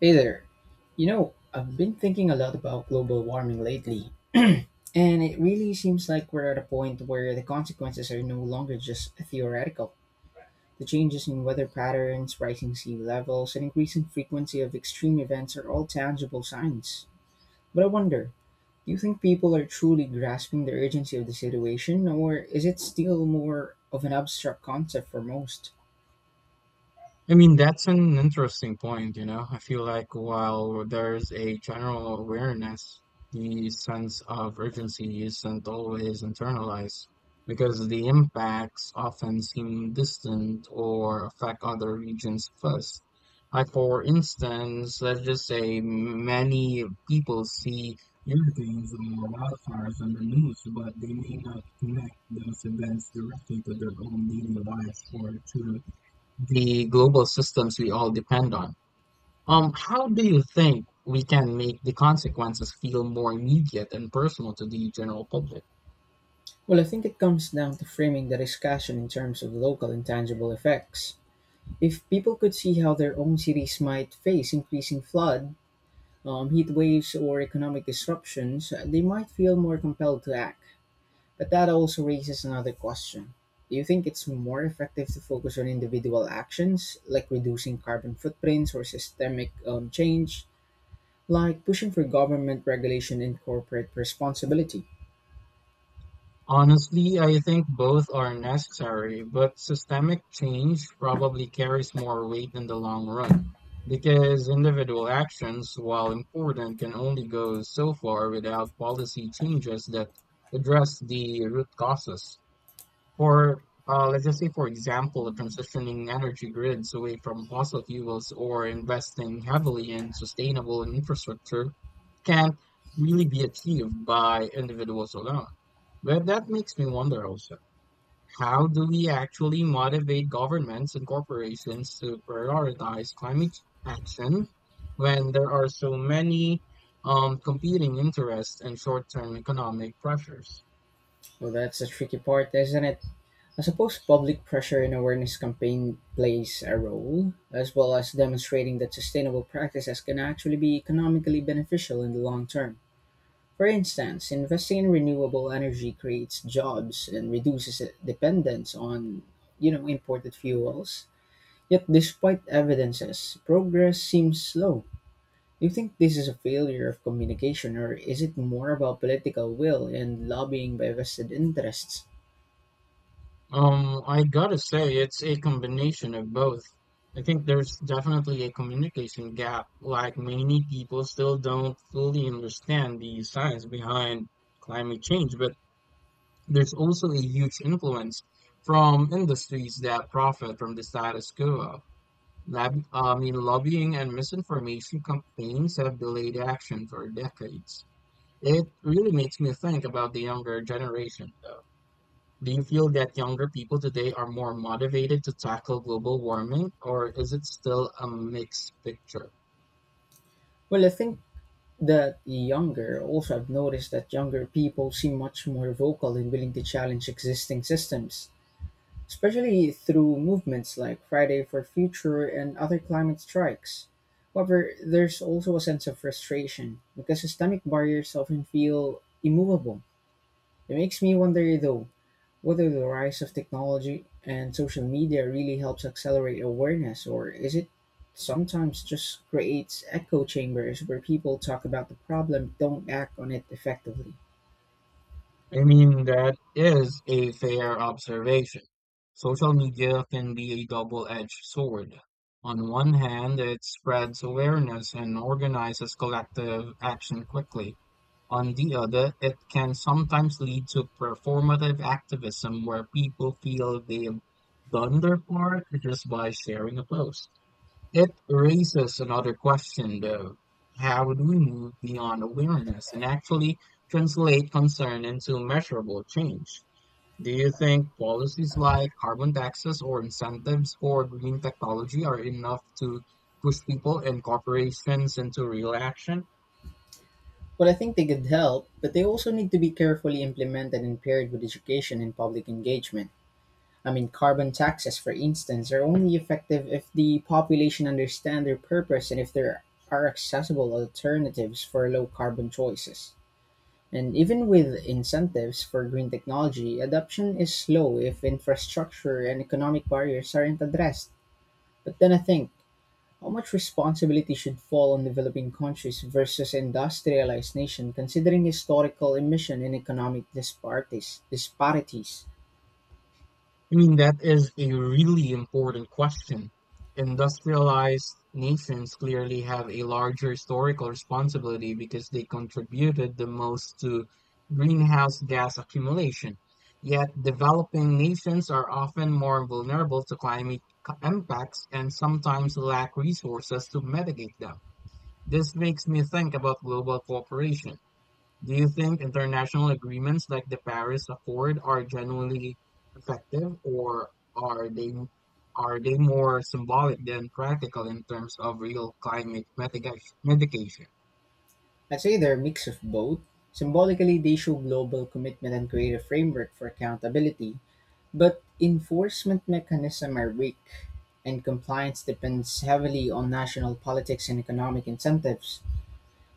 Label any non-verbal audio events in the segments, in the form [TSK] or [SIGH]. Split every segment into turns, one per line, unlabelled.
Hey there. I've been thinking a lot about global warming lately, and it really seems like we're at a point where the consequences are no longer just theoretical. The changes in weather patterns, rising sea levels, and increasing frequency of extreme events are all tangible signs. But I wonder, do you think people are truly grasping the urgency of the situation, or is it still more of an abstract concept for most?
I mean, that's an interesting point, you know. I feel like while there's a general awareness, the sense of urgency isn't always internalized because the impacts often seem distant or affect other regions first. Like, for instance, let's just say many people see hurricanes or wildfires on the news, but they may not connect those events directly to their own daily lives or to the global systems we all depend on. How do you think we can make the consequences feel more immediate and personal to the general public?
Well, I think it comes down to framing the discussion in terms of local and tangible effects. If people could see how their own cities might face increasing flood, heat waves, or economic disruptions, they might feel more compelled to act. But that also raises another question. Do you think it's more effective to focus on individual actions, like reducing carbon footprints or systemic change, like pushing for government regulation and corporate responsibility?
Honestly, I think both are necessary, but systemic change probably carries more weight in the long run because individual actions, while important, can only go so far without policy changes that address the root causes. For Let's just say, for example, transitioning energy grids away from fossil fuels or investing heavily in sustainable infrastructure can't really be achieved by individuals alone. But that makes me wonder also, how do we actually motivate governments and corporations to prioritize climate action when there are so many competing interests and short-term economic pressures?
Well, that's the tricky part, isn't it? I suppose public pressure and awareness campaign plays a role, as well as demonstrating that sustainable practices can actually be economically beneficial in the long term. For instance, investing in renewable energy creates jobs and reduces dependence on imported fuels. Yet despite evidences, progress seems slow. Do you think this is a failure of communication or is it more about political will and lobbying by vested interests?
I gotta say, it's a combination of both. I think there's definitely a communication gap, like many people still don't fully understand the science behind climate change, but there's also a huge influence from industries that profit from the status quo. Lobbying and misinformation campaigns have delayed action for decades. It really makes me think about the younger generation, though. Do you feel that younger people today are more motivated to tackle global warming, or is it still a mixed picture?
Well, I think that younger also I've noticed that younger people seem much more vocal and willing to challenge existing systems, especially through movements like Friday for Future and other climate strikes. However, there's also a sense of frustration because systemic barriers often feel immovable. It makes me wonder though, whether the rise of technology and social media really helps accelerate awareness, or is it sometimes just creates echo chambers where people talk about the problem don't act on it effectively.
I mean, that is a fair observation. Social media can be a double-edged sword. On one hand, it spreads awareness and organizes collective action quickly. On the other, it can sometimes lead to performative activism where people feel they've done their part just by sharing a post. It raises another question, though. How do we move beyond awareness and actually translate concern into measurable change? Do you think policies like carbon taxes or incentives for green technology are enough to push people and corporations into real action?
Well, I think they could help, but they also need to be carefully implemented and paired with education and public engagement. I mean, carbon taxes, for instance, are only effective if the population understand their purpose and if there are accessible alternatives for low carbon choices. And even with incentives for green technology, adoption is slow if infrastructure and economic barriers aren't addressed. But then I think, how much responsibility should fall on developing countries versus industrialized nations considering historical emission and economic disparities?
I mean, that is a really important question. Industrialized nations clearly have a larger historical responsibility because they contributed the most to greenhouse gas accumulation. Yet, developing nations are often more vulnerable to impacts and sometimes lack resources to mitigate them. This makes me think about global cooperation. Do you think international agreements like the Paris Accord are generally effective, or are they are they more symbolic than practical in terms of real climate mitigation?
I'd say they're a mix of both. Symbolically, they show global commitment and create a framework for accountability, but enforcement mechanisms are weak, and compliance depends heavily on national politics and economic incentives.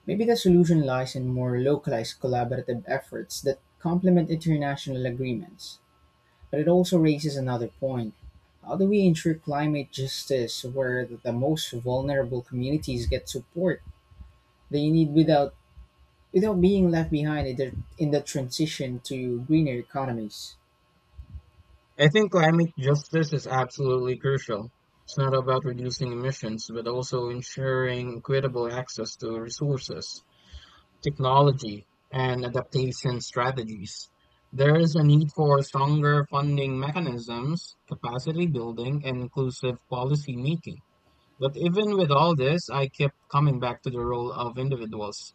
Maybe the solution lies in more localized collaborative efforts that complement international agreements. But it also raises another point. How do we ensure climate justice where the most vulnerable communities get support they need without being left behind in the, transition to greener economies?
I think climate justice is absolutely crucial. It's not about reducing emissions, but also ensuring equitable access to resources, technology, and adaptation strategies. There is a need for stronger funding mechanisms, capacity building, and inclusive policy making. But even with all this, I kept coming back to the role of individuals.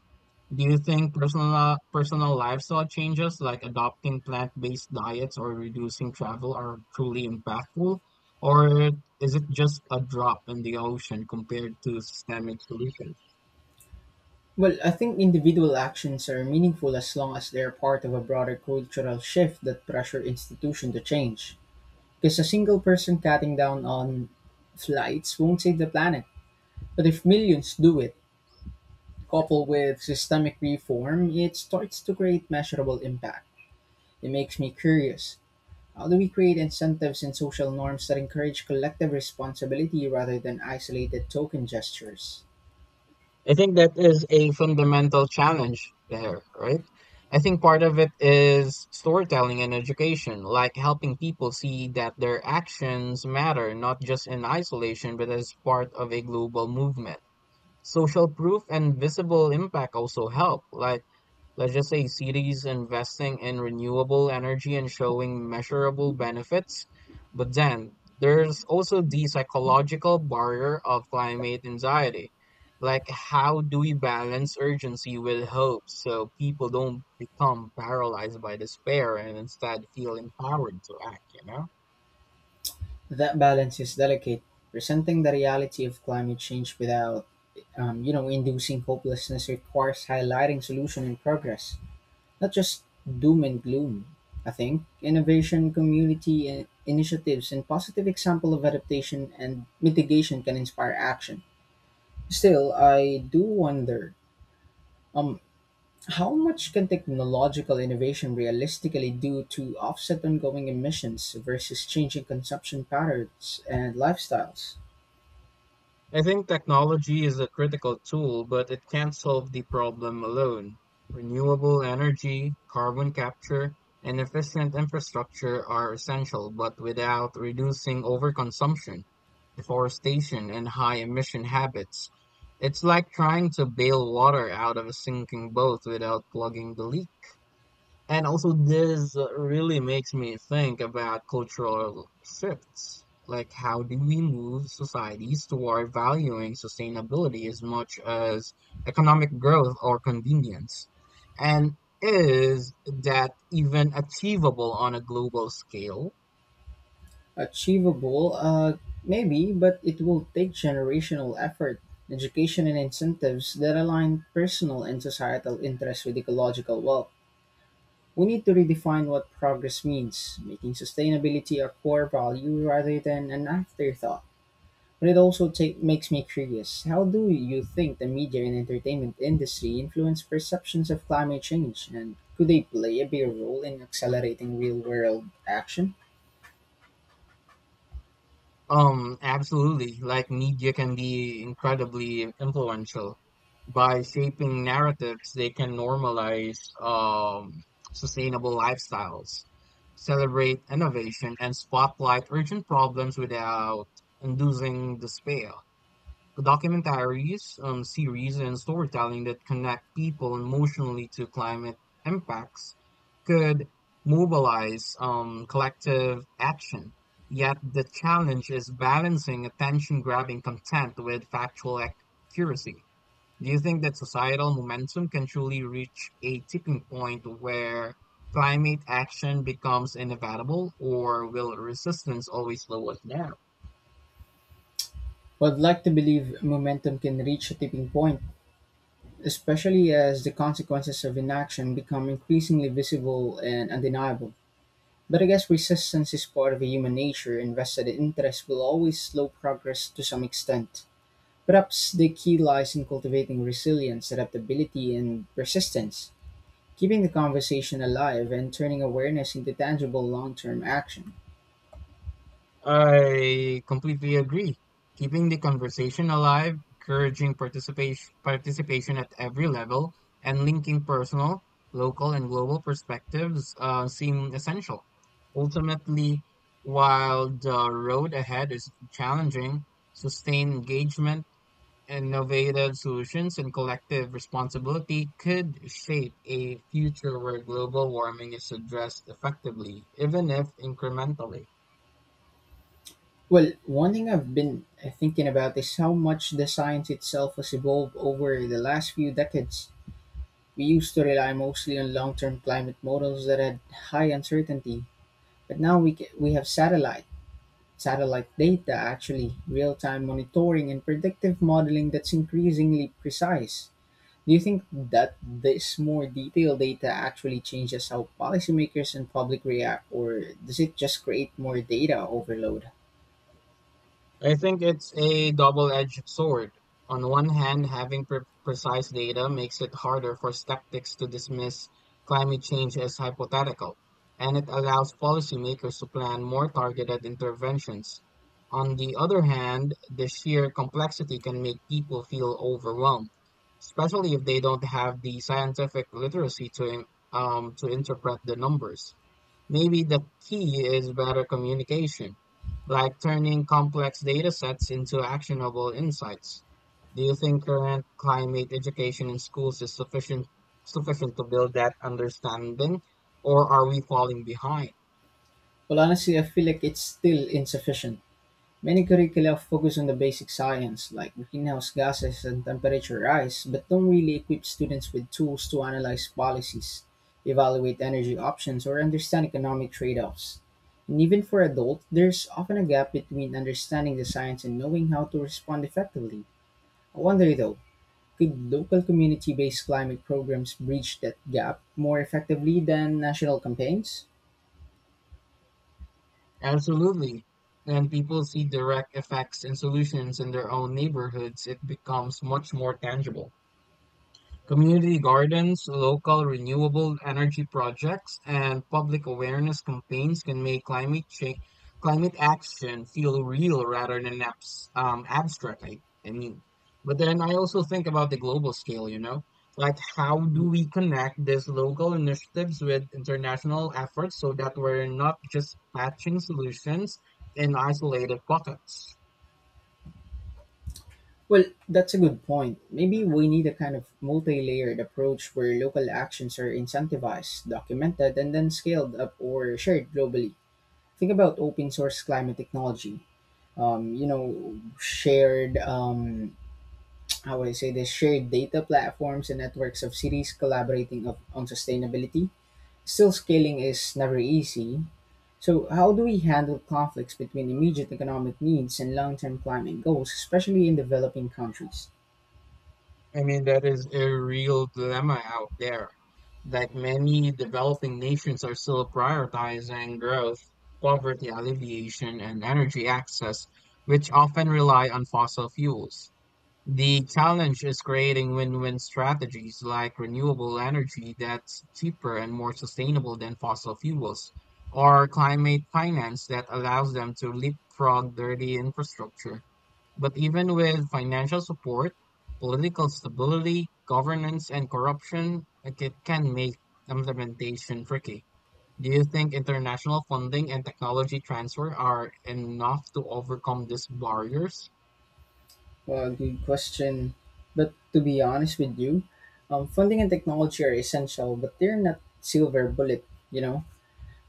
Do you think personal lifestyle changes like adopting plant-based diets or reducing travel are truly impactful, or is it just a drop in the ocean compared to systemic solutions?
Well, I think individual actions are meaningful as long as they're part of a broader cultural shift that pressure institution to change. Because a single person cutting down on flights won't save the planet. But if millions do it, coupled with systemic reform, it starts to create measurable impact. It makes me curious. How do we create incentives and social norms that encourage collective responsibility rather than isolated token gestures?
I think that is a fundamental challenge there, right? I think part of it is storytelling and education, like helping people see that their actions matter, not just in isolation, but as part of a global movement. Social proof and visible impact also help, like let's just say cities investing in renewable energy and showing measurable benefits. But then there's also the psychological barrier of climate anxiety. Like, how do we balance urgency with hope so people don't become paralyzed by despair and instead feel empowered to act, you know?
That balance is delicate. Presenting the reality of climate change without inducing hopelessness requires highlighting solution and progress, not just doom and gloom. I think innovation, community initiatives, and positive example of adaptation and mitigation can inspire action. Still, I do wonder, um, how much can technological innovation realistically do to offset ongoing emissions versus changing consumption patterns and lifestyles?
I think technology is a critical tool, but it can't solve the problem alone. Renewable energy, carbon capture, and efficient infrastructure are essential, but without reducing overconsumption, deforestation, and high emission habits, it's like trying to bail water out of a sinking boat without plugging the leak. And also, this really makes me think about cultural shifts. Like, how do we move societies toward valuing sustainability as much as economic growth or convenience? And is that even achievable on a global scale?
Achievable, maybe, but it will take generational effort, education, and incentives that align personal and societal interests with ecological wealth. We need to redefine what progress means, making sustainability a core value rather than an afterthought. But it also makes me curious, how do you think the media and entertainment industry influence perceptions of climate change, and could they play a bigger role in accelerating real world action?
Absolutely. Like media can be incredibly influential by shaping narratives. They can normalize um, sustainable lifestyles, celebrate innovation, and spotlight urgent problems without inducing despair documentaries, series, and storytelling that connect people emotionally to climate impacts could mobilize collective action. Yet the challenge is balancing attention grabbing content with factual accuracy. Do you think that societal momentum can truly reach a tipping point where climate action becomes inevitable, or will resistance always slow us down?
Well, I'd like to believe momentum can reach a tipping point, especially as the consequences of inaction become increasingly visible and undeniable. But I guess resistance is part of human nature, and vested interests will always slow progress to some extent. Perhaps the key lies in cultivating resilience, adaptability, and persistence, keeping the conversation alive and turning awareness into tangible long term action.
I completely agree. Keeping the conversation alive, encouraging participation at every level, and linking personal, local, and global perspectives seem essential. Ultimately, while the road ahead is challenging, sustained engagement, innovative solutions, and collective responsibility could shape a future where global warming is addressed effectively, even if incrementally.
Well, one thing I've been thinking about is how much the science itself has evolved over the last few decades. We used to rely mostly on long-term climate models that had high uncertainty, but now we have satellite data, actually, real-time monitoring and predictive modeling that's increasingly precise. Do you think that this more detailed data actually changes how policymakers and public react, or does it just create more data overload?
I think it's a double-edged sword. On one hand, having precise data makes it harder for skeptics to dismiss climate change as hypothetical, and it allows policymakers to plan more targeted interventions. On the other hand, the sheer complexity can make people feel overwhelmed, especially if they don't have the scientific literacy to interpret the numbers. Maybe the key is better communication like turning complex data sets into actionable insights. Do you think current climate education in schools is sufficient to build that understanding, or are we falling behind?
Well, honestly, I feel like it's still insufficient. Many curricula focus on the basic science, like greenhouse gases and temperature rise, but don't really equip students with tools to analyze policies, evaluate energy options, or understand economic trade offs. And even for adults, there's often a gap between understanding the science and knowing how to respond effectively. I wonder though, could local community based climate programs bridge that gap more effectively than national campaigns?
Absolutely. When people see direct effects and solutions in their own neighborhoods, it becomes much more tangible. Community gardens, local renewable energy projects, and public awareness campaigns can make climate action feel real rather than abstract. But then I also think about the global scale. You know, like how do we connect these local initiatives with international efforts so that we're not just patching solutions in isolated pockets?
Well, that's a good point. Maybe we need a kind of multi layered approach where local actions are incentivized, documented, and then scaled up or shared globally. Think about open source climate technology. Um, you know, shared, um, [TSK] how would I say this, shared data platforms and networks of cities collaborating on sustainability. Still, scaling is never easy. So, how do we handle conflicts between immediate economic needs and long term climate goals, especially in developing countries?
I mean, that is a real dilemma out there. Like many developing nations are still prioritizing growth, poverty alleviation, and energy access, which often rely on fossil fuels. The challenge is creating win-win strategies like renewable energy that's cheaper and more sustainable than fossil fuels, or climate finance that allows them to leapfrog dirty infrastructure. But even with financial support, political stability, governance, and corruption like it can make implementation tricky. Do you think international funding and technology transfer are enough to overcome these barriers?
Well, good question. But to be honest with you, funding and technology are essential, but they're not silver bullet. You know,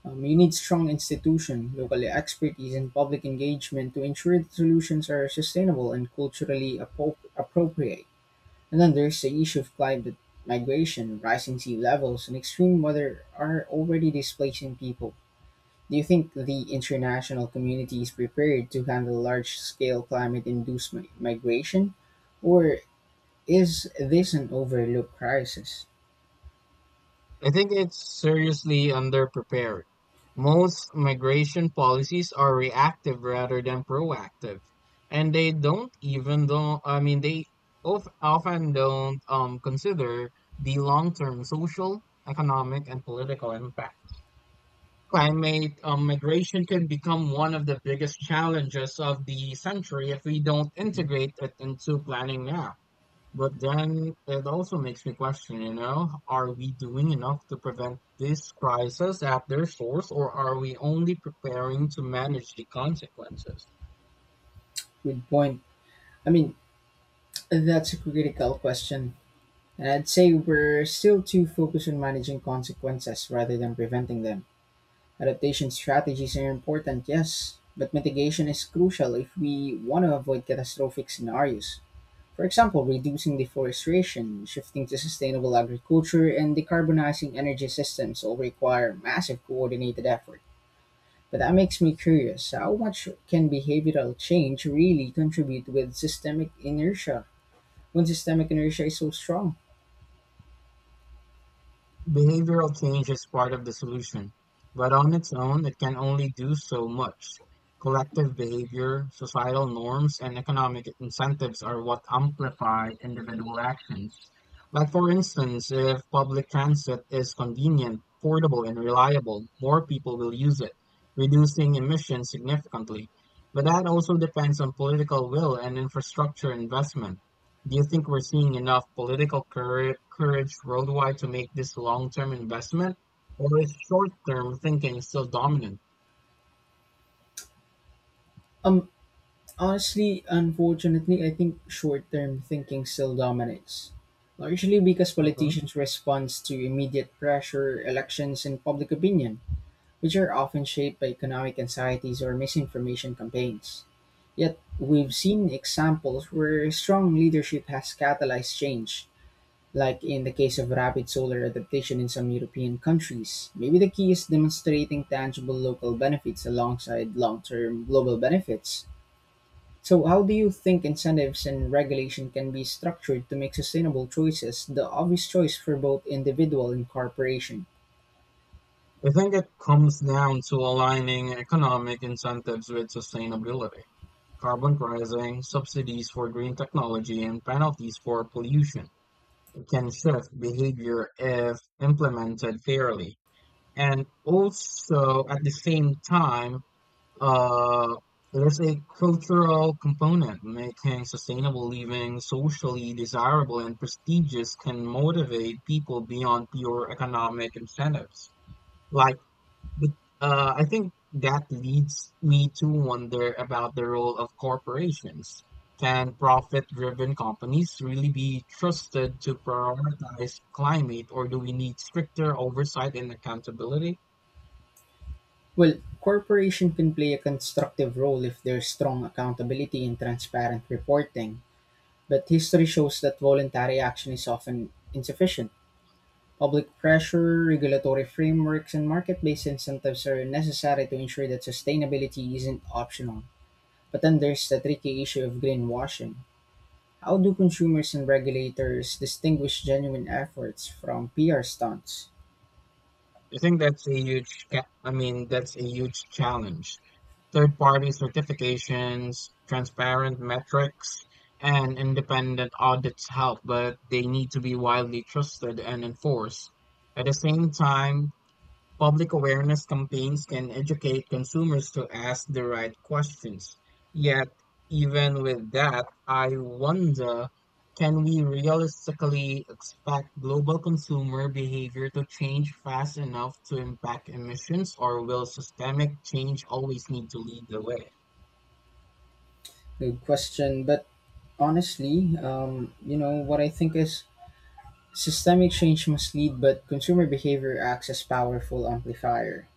you need strong institution, local expertise, and public engagement to ensure that solutions are sustainable and culturally appropriate. And then there's the issue of climate migration, rising sea levels, and extreme weather are already displacing people. Do you think the international community is prepared to handle large-scale climate-induced migration? Or is this an overlooked crisis?
I think it's seriously underprepared. Most migration policies are reactive rather than proactive, and they don't even though I mean they often don't consider the long-term social, economic, and political impact. Climate migration can become one of the biggest challenges of the century if we don't
Mhm.
integrate it into planning now. But then it also makes me question, you know, are we doing enough to prevent this crisis at their source, or are we only preparing to manage the consequences?
Good point. I mean, that's a critical question. And I'd say we're still too focused on managing consequences rather than preventing them. Adaptation strategies are important, yes, but mitigation is crucial if we want to avoid catastrophic scenarios. For example, reducing deforestation, shifting to sustainable agriculture, and decarbonizing energy systems all require massive coordinated effort. But that makes me curious, how much can behavioral change really contribute with systemic inertia when systemic inertia is so strong?
Behavioral change is part of the solution, but on its own it can only do so much. Collective behavior, societal norms, and economic incentives are what amplify individual actions. Like, for instance, if public transit is convenient, affordable, and reliable, more people will use it, reducing emissions significantly. But that also depends on political will and infrastructure investment. Do you think we're seeing enough political courage worldwide to make this long-term investment, or is short-term thinking still dominant?
Um, honestly, unfortunately, I think short term thinking still dominates, largely because
Mhm.
politicians respond to immediate pressure, elections, and public opinion, which are often shaped by economic anxieties or misinformation campaigns. Yet, we've seen examples where strong leadership has catalyzed change, like in the case of rapid solar adaptation in some European countries. Maybe the key is demonstrating tangible local benefits alongside long term global benefits. So, how do you think incentives and regulation can be structured to make sustainable choices the obvious choice for both individual and corporation?
I think it comes down to aligning economic incentives with sustainability, carbon pricing, subsidies for green technology, and penalties for pollution. It can shift behavior if implemented fairly. And also, at the same time, uh, there's a cultural component. Making sustainable living socially desirable and prestigious can motivate people beyond pure economic incentives. Like, but, I think that leads me to wonder about the role of corporations. Can profit-driven companies really be trusted to prioritize climate, or do we need stricter oversight and accountability?
Well, corporation can play a constructive role if there's strong accountability and transparent reporting, but history shows that voluntary action is often insufficient. Public pressure, regulatory frameworks, and market-based incentives are necessary to ensure that sustainability isn't optional. But then there's the tricky issue of greenwashing. How do consumers and regulators distinguish genuine efforts from PR stunts?
I think that's a huge, ca- I mean, That's a huge challenge. Third-party certifications, transparent metrics, and independent audits help, but they need to be widely trusted and enforced. At the same time, public awareness campaigns can educate consumers to ask the right questions. Yet, even with that, I wonder can we realistically expect global consumer behavior to change fast enough to impact emissions, or will systemic change always need to lead the way?
Good question, but honestly, what I think is systemic change must lead, but consumer behavior acts as powerful amplifier.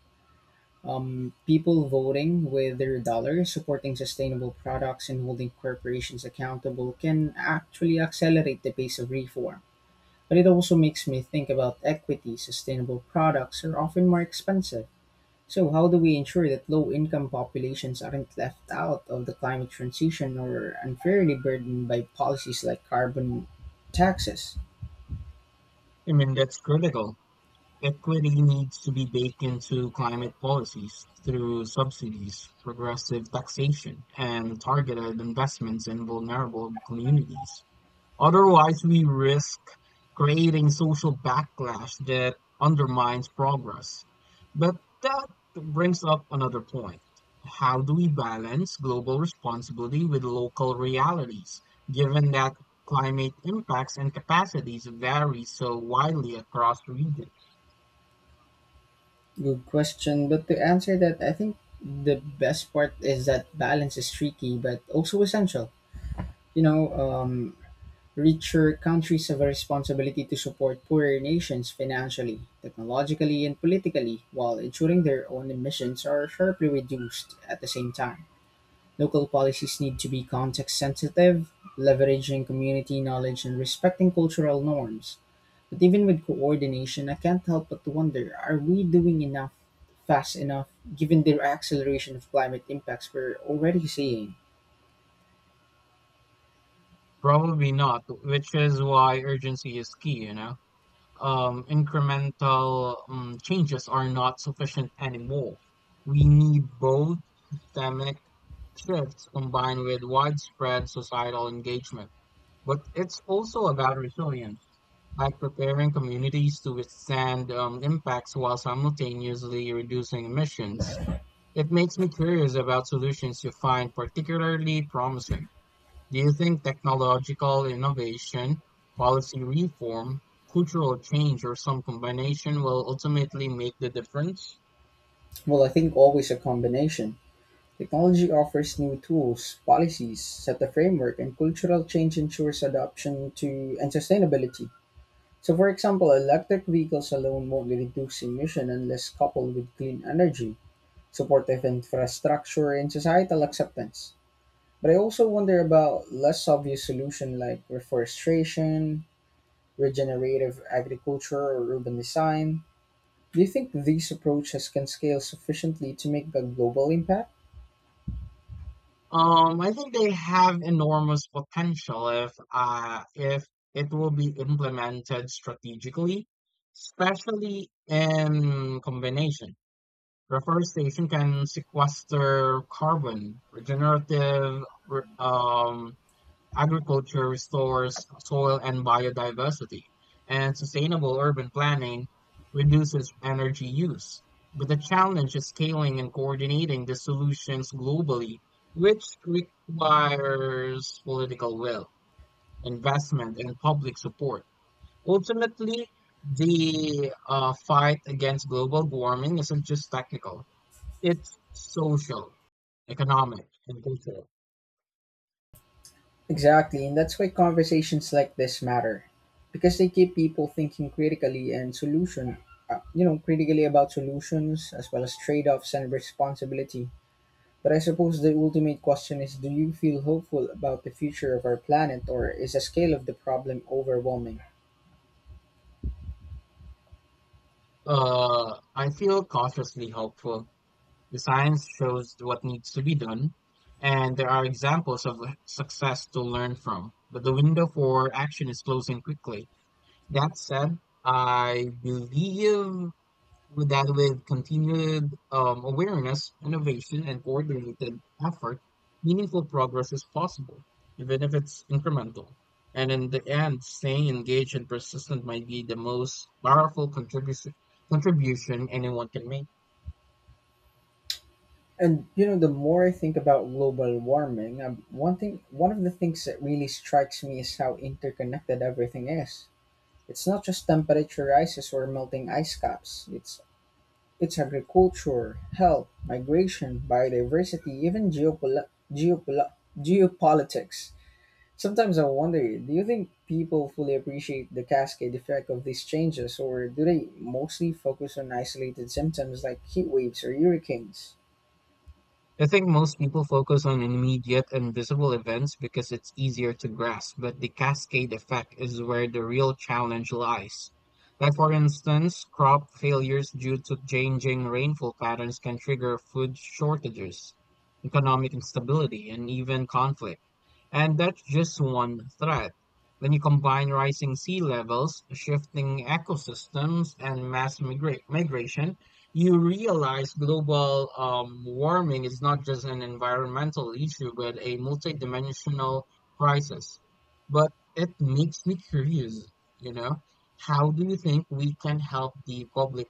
People voting with their dollars, supporting sustainable products, and holding corporations accountable can actually accelerate the pace of reform. But it also makes me think about equity. Sustainable products are often more expensive. So, how do we ensure that low income populations aren't left out of the climate transition or unfairly burdened by policies like carbon taxes?
I mean, that's critical. Equity needs to be baked into climate policies through subsidies, progressive taxation, and targeted investments in vulnerable communities. Otherwise, we risk creating social backlash that undermines progress. But that brings up another point. How do we balance global responsibility with local realities, given that climate impacts and capacities vary so widely across regions?
Good question. But to answer that, I think the best part is that balance is tricky but also essential. You know, um, richer countries have a responsibility to support poorer nations financially, technologically, and politically, while ensuring their own emissions are sharply reduced at the same time. Local policies need to be context sensitive, leveraging community knowledge, and respecting cultural norms. But even with coordination, I can't help but wonder, are we doing enough fast enough given the acceleration of climate impacts we're already seeing?
Probably not, which is why urgency is key, you know. Incremental changes are not sufficient anymore. We need bold systemic shifts combined with widespread societal engagement. But it's also about resilience, like preparing communities to withstand impacts while simultaneously reducing emissions. It makes me curious about solutions you find particularly promising. Do you think technological innovation, policy reform, cultural change, or some combination will ultimately make the difference?
Well, I think always a combination. Technology offers new tools, policies set the framework, and cultural change ensures adoption to and sustainability. So, for example, electric vehicles alone won't reduce emission unless coupled with clean energy, supportive infrastructure, and societal acceptance. But I also wonder about less obvious solutions like reforestation, regenerative agriculture, or urban design. Do you think these approaches can scale sufficiently to make a global impact?
I think they have enormous potential if it will be implemented strategically, especially in combination. Reforestation can sequester carbon, regenerative re- um, agriculture restores soil and biodiversity, and sustainable urban planning reduces energy use. But the challenge is scaling and coordinating the solutions globally, which requires political will, investment, and public support. Ultimately, the fight against global warming isn't just technical, it's social, economic, and cultural.
Exactly, and that's why conversations like this matter, because they keep people thinking critically and solution, you know, critically about solutions as well as trade-offs and responsibility. But I suppose the ultimate question is: Do you feel hopeful about the future of our planet, or is the scale of the problem overwhelming?
I feel cautiously hopeful. The science shows what needs to be done, and there are examples of success to learn from. But the window for action is closing quickly. That said, I believe that with continued awareness, innovation, and coordinated effort, meaningful progress is possible, even if it's incremental. And in the end, staying engaged and persistent might be the most powerful contribution anyone can make.
And the more I think about global warming, one of the things that really strikes me is how interconnected everything is. It's not just temperature rises or melting ice caps. It's Its agriculture, health, migration, biodiversity, even geopol- geopolitics. Sometimes I wonder, do you think people fully appreciate the cascade effect of these changes, or do they mostly focus on isolated symptoms like heat waves or hurricanes?
I think most people focus on immediate and visible events because it's easier to grasp, but the cascade effect is where the real challenge lies. Like for instance, crop failures due to changing rainfall patterns can trigger food shortages, economic instability, and even conflict. And that's just one threat. When you combine rising sea levels, shifting ecosystems, and migration, you realize global warming is not just an environmental issue, but a multidimensional crisis. But it makes me curious, you know, how do you think we can help the public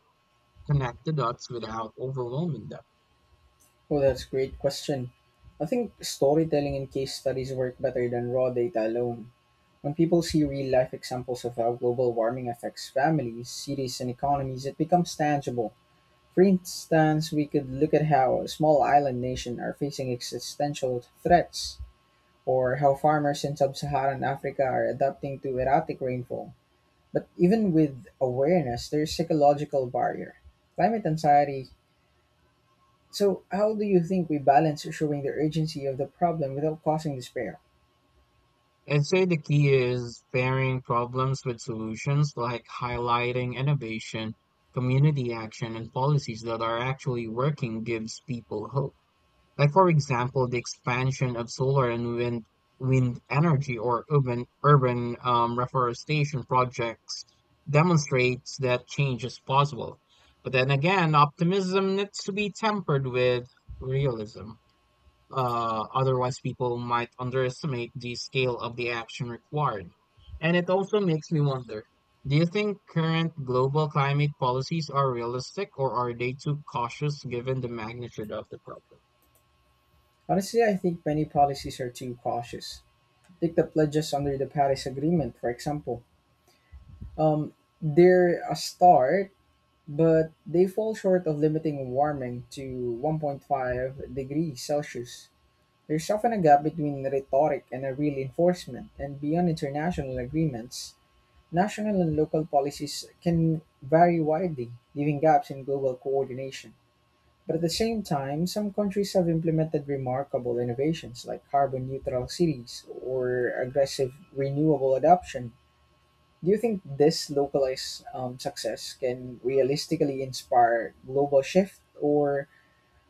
connect the dots without overwhelming them?
Well, that's a great question. I think storytelling and case studies work better than raw data alone. When people see real life examples of how global warming affects families, cities, and economies, it becomes tangible. For instance, we could look at how small island nations are facing existential threats, or how farmers in sub Saharan Africa are adapting to erratic rainfall. But even with awareness, there's psychological barrier. Climate anxiety. So, how do you think we balance showing the urgency of the problem without causing despair?
I'd say the key is pairing problems with solutions like highlighting innovation, community action, and policies that are actually working gives people hope. Like, for example, the expansion of solar and wind energy or urban reforestation projects demonstrates that change is possible. But then again, optimism needs to be tempered with realism. Otherwise, people might underestimate the scale of the action required. And it also makes me wonder, do you think current global climate policies are realistic or are they too cautious given the magnitude of the problem?
Honestly, I think many policies are too cautious. Take the pledges under the Paris Agreement, for example. Um, they're a start, but they fall short of limiting warming to 1.5 degrees Celsius. There's often a gap between rhetoric and a real enforcement, and beyond international agreements, national and local policies can vary widely, leaving gaps in global coordination. But at the same time, some countries have implemented remarkable innovations like carbon neutral cities or aggressive renewable adoption. Do you think this localized success can realistically inspire global shift, or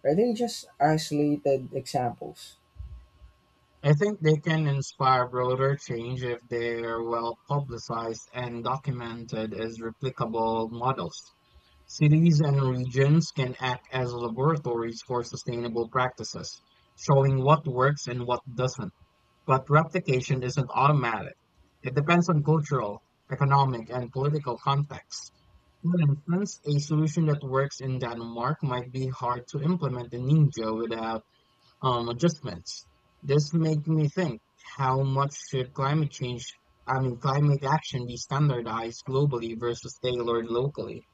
are they just isolated examples?
I think they can inspire broader change if they're well publicized and documented as replicable models. Cities and regions can act as laboratories for sustainable practices, showing what works and what doesn't. But replication isn't automatic. It depends on cultural, economic, and political context. For instance, a solution that works in Denmark might be hard to implement in India without adjustments. This makes me think, how much should climate change, I mean, climate action be standardized globally versus tailored locally?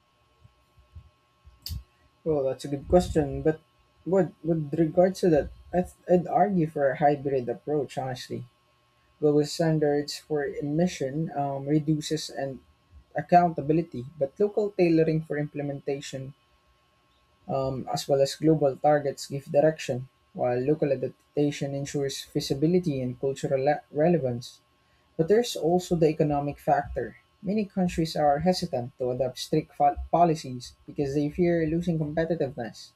Well, that's a good question, but with regard to that, I'd argue for a hybrid approach, honestly. Global standards for emission reduces and accountability, but local tailoring for implementation, as well as global targets, give direction while local adaptation ensures feasibility and cultural relevance. But there's also the economic factor. Many countries are hesitant to adopt strict policies because they fear losing competitiveness.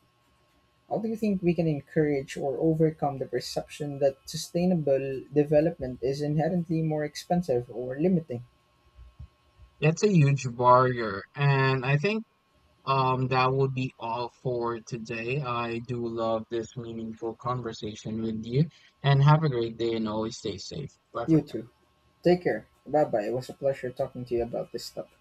How do you think we can encourage or overcome the perception that sustainable development is inherently more expensive or limiting?
That's a huge barrier, and I think that would be all for today. I do love this meaningful conversation with you, and have a great day and always stay safe. Bye
You
for now.
too. Take care. Bye bye. It was a pleasure talking to you about this stuff.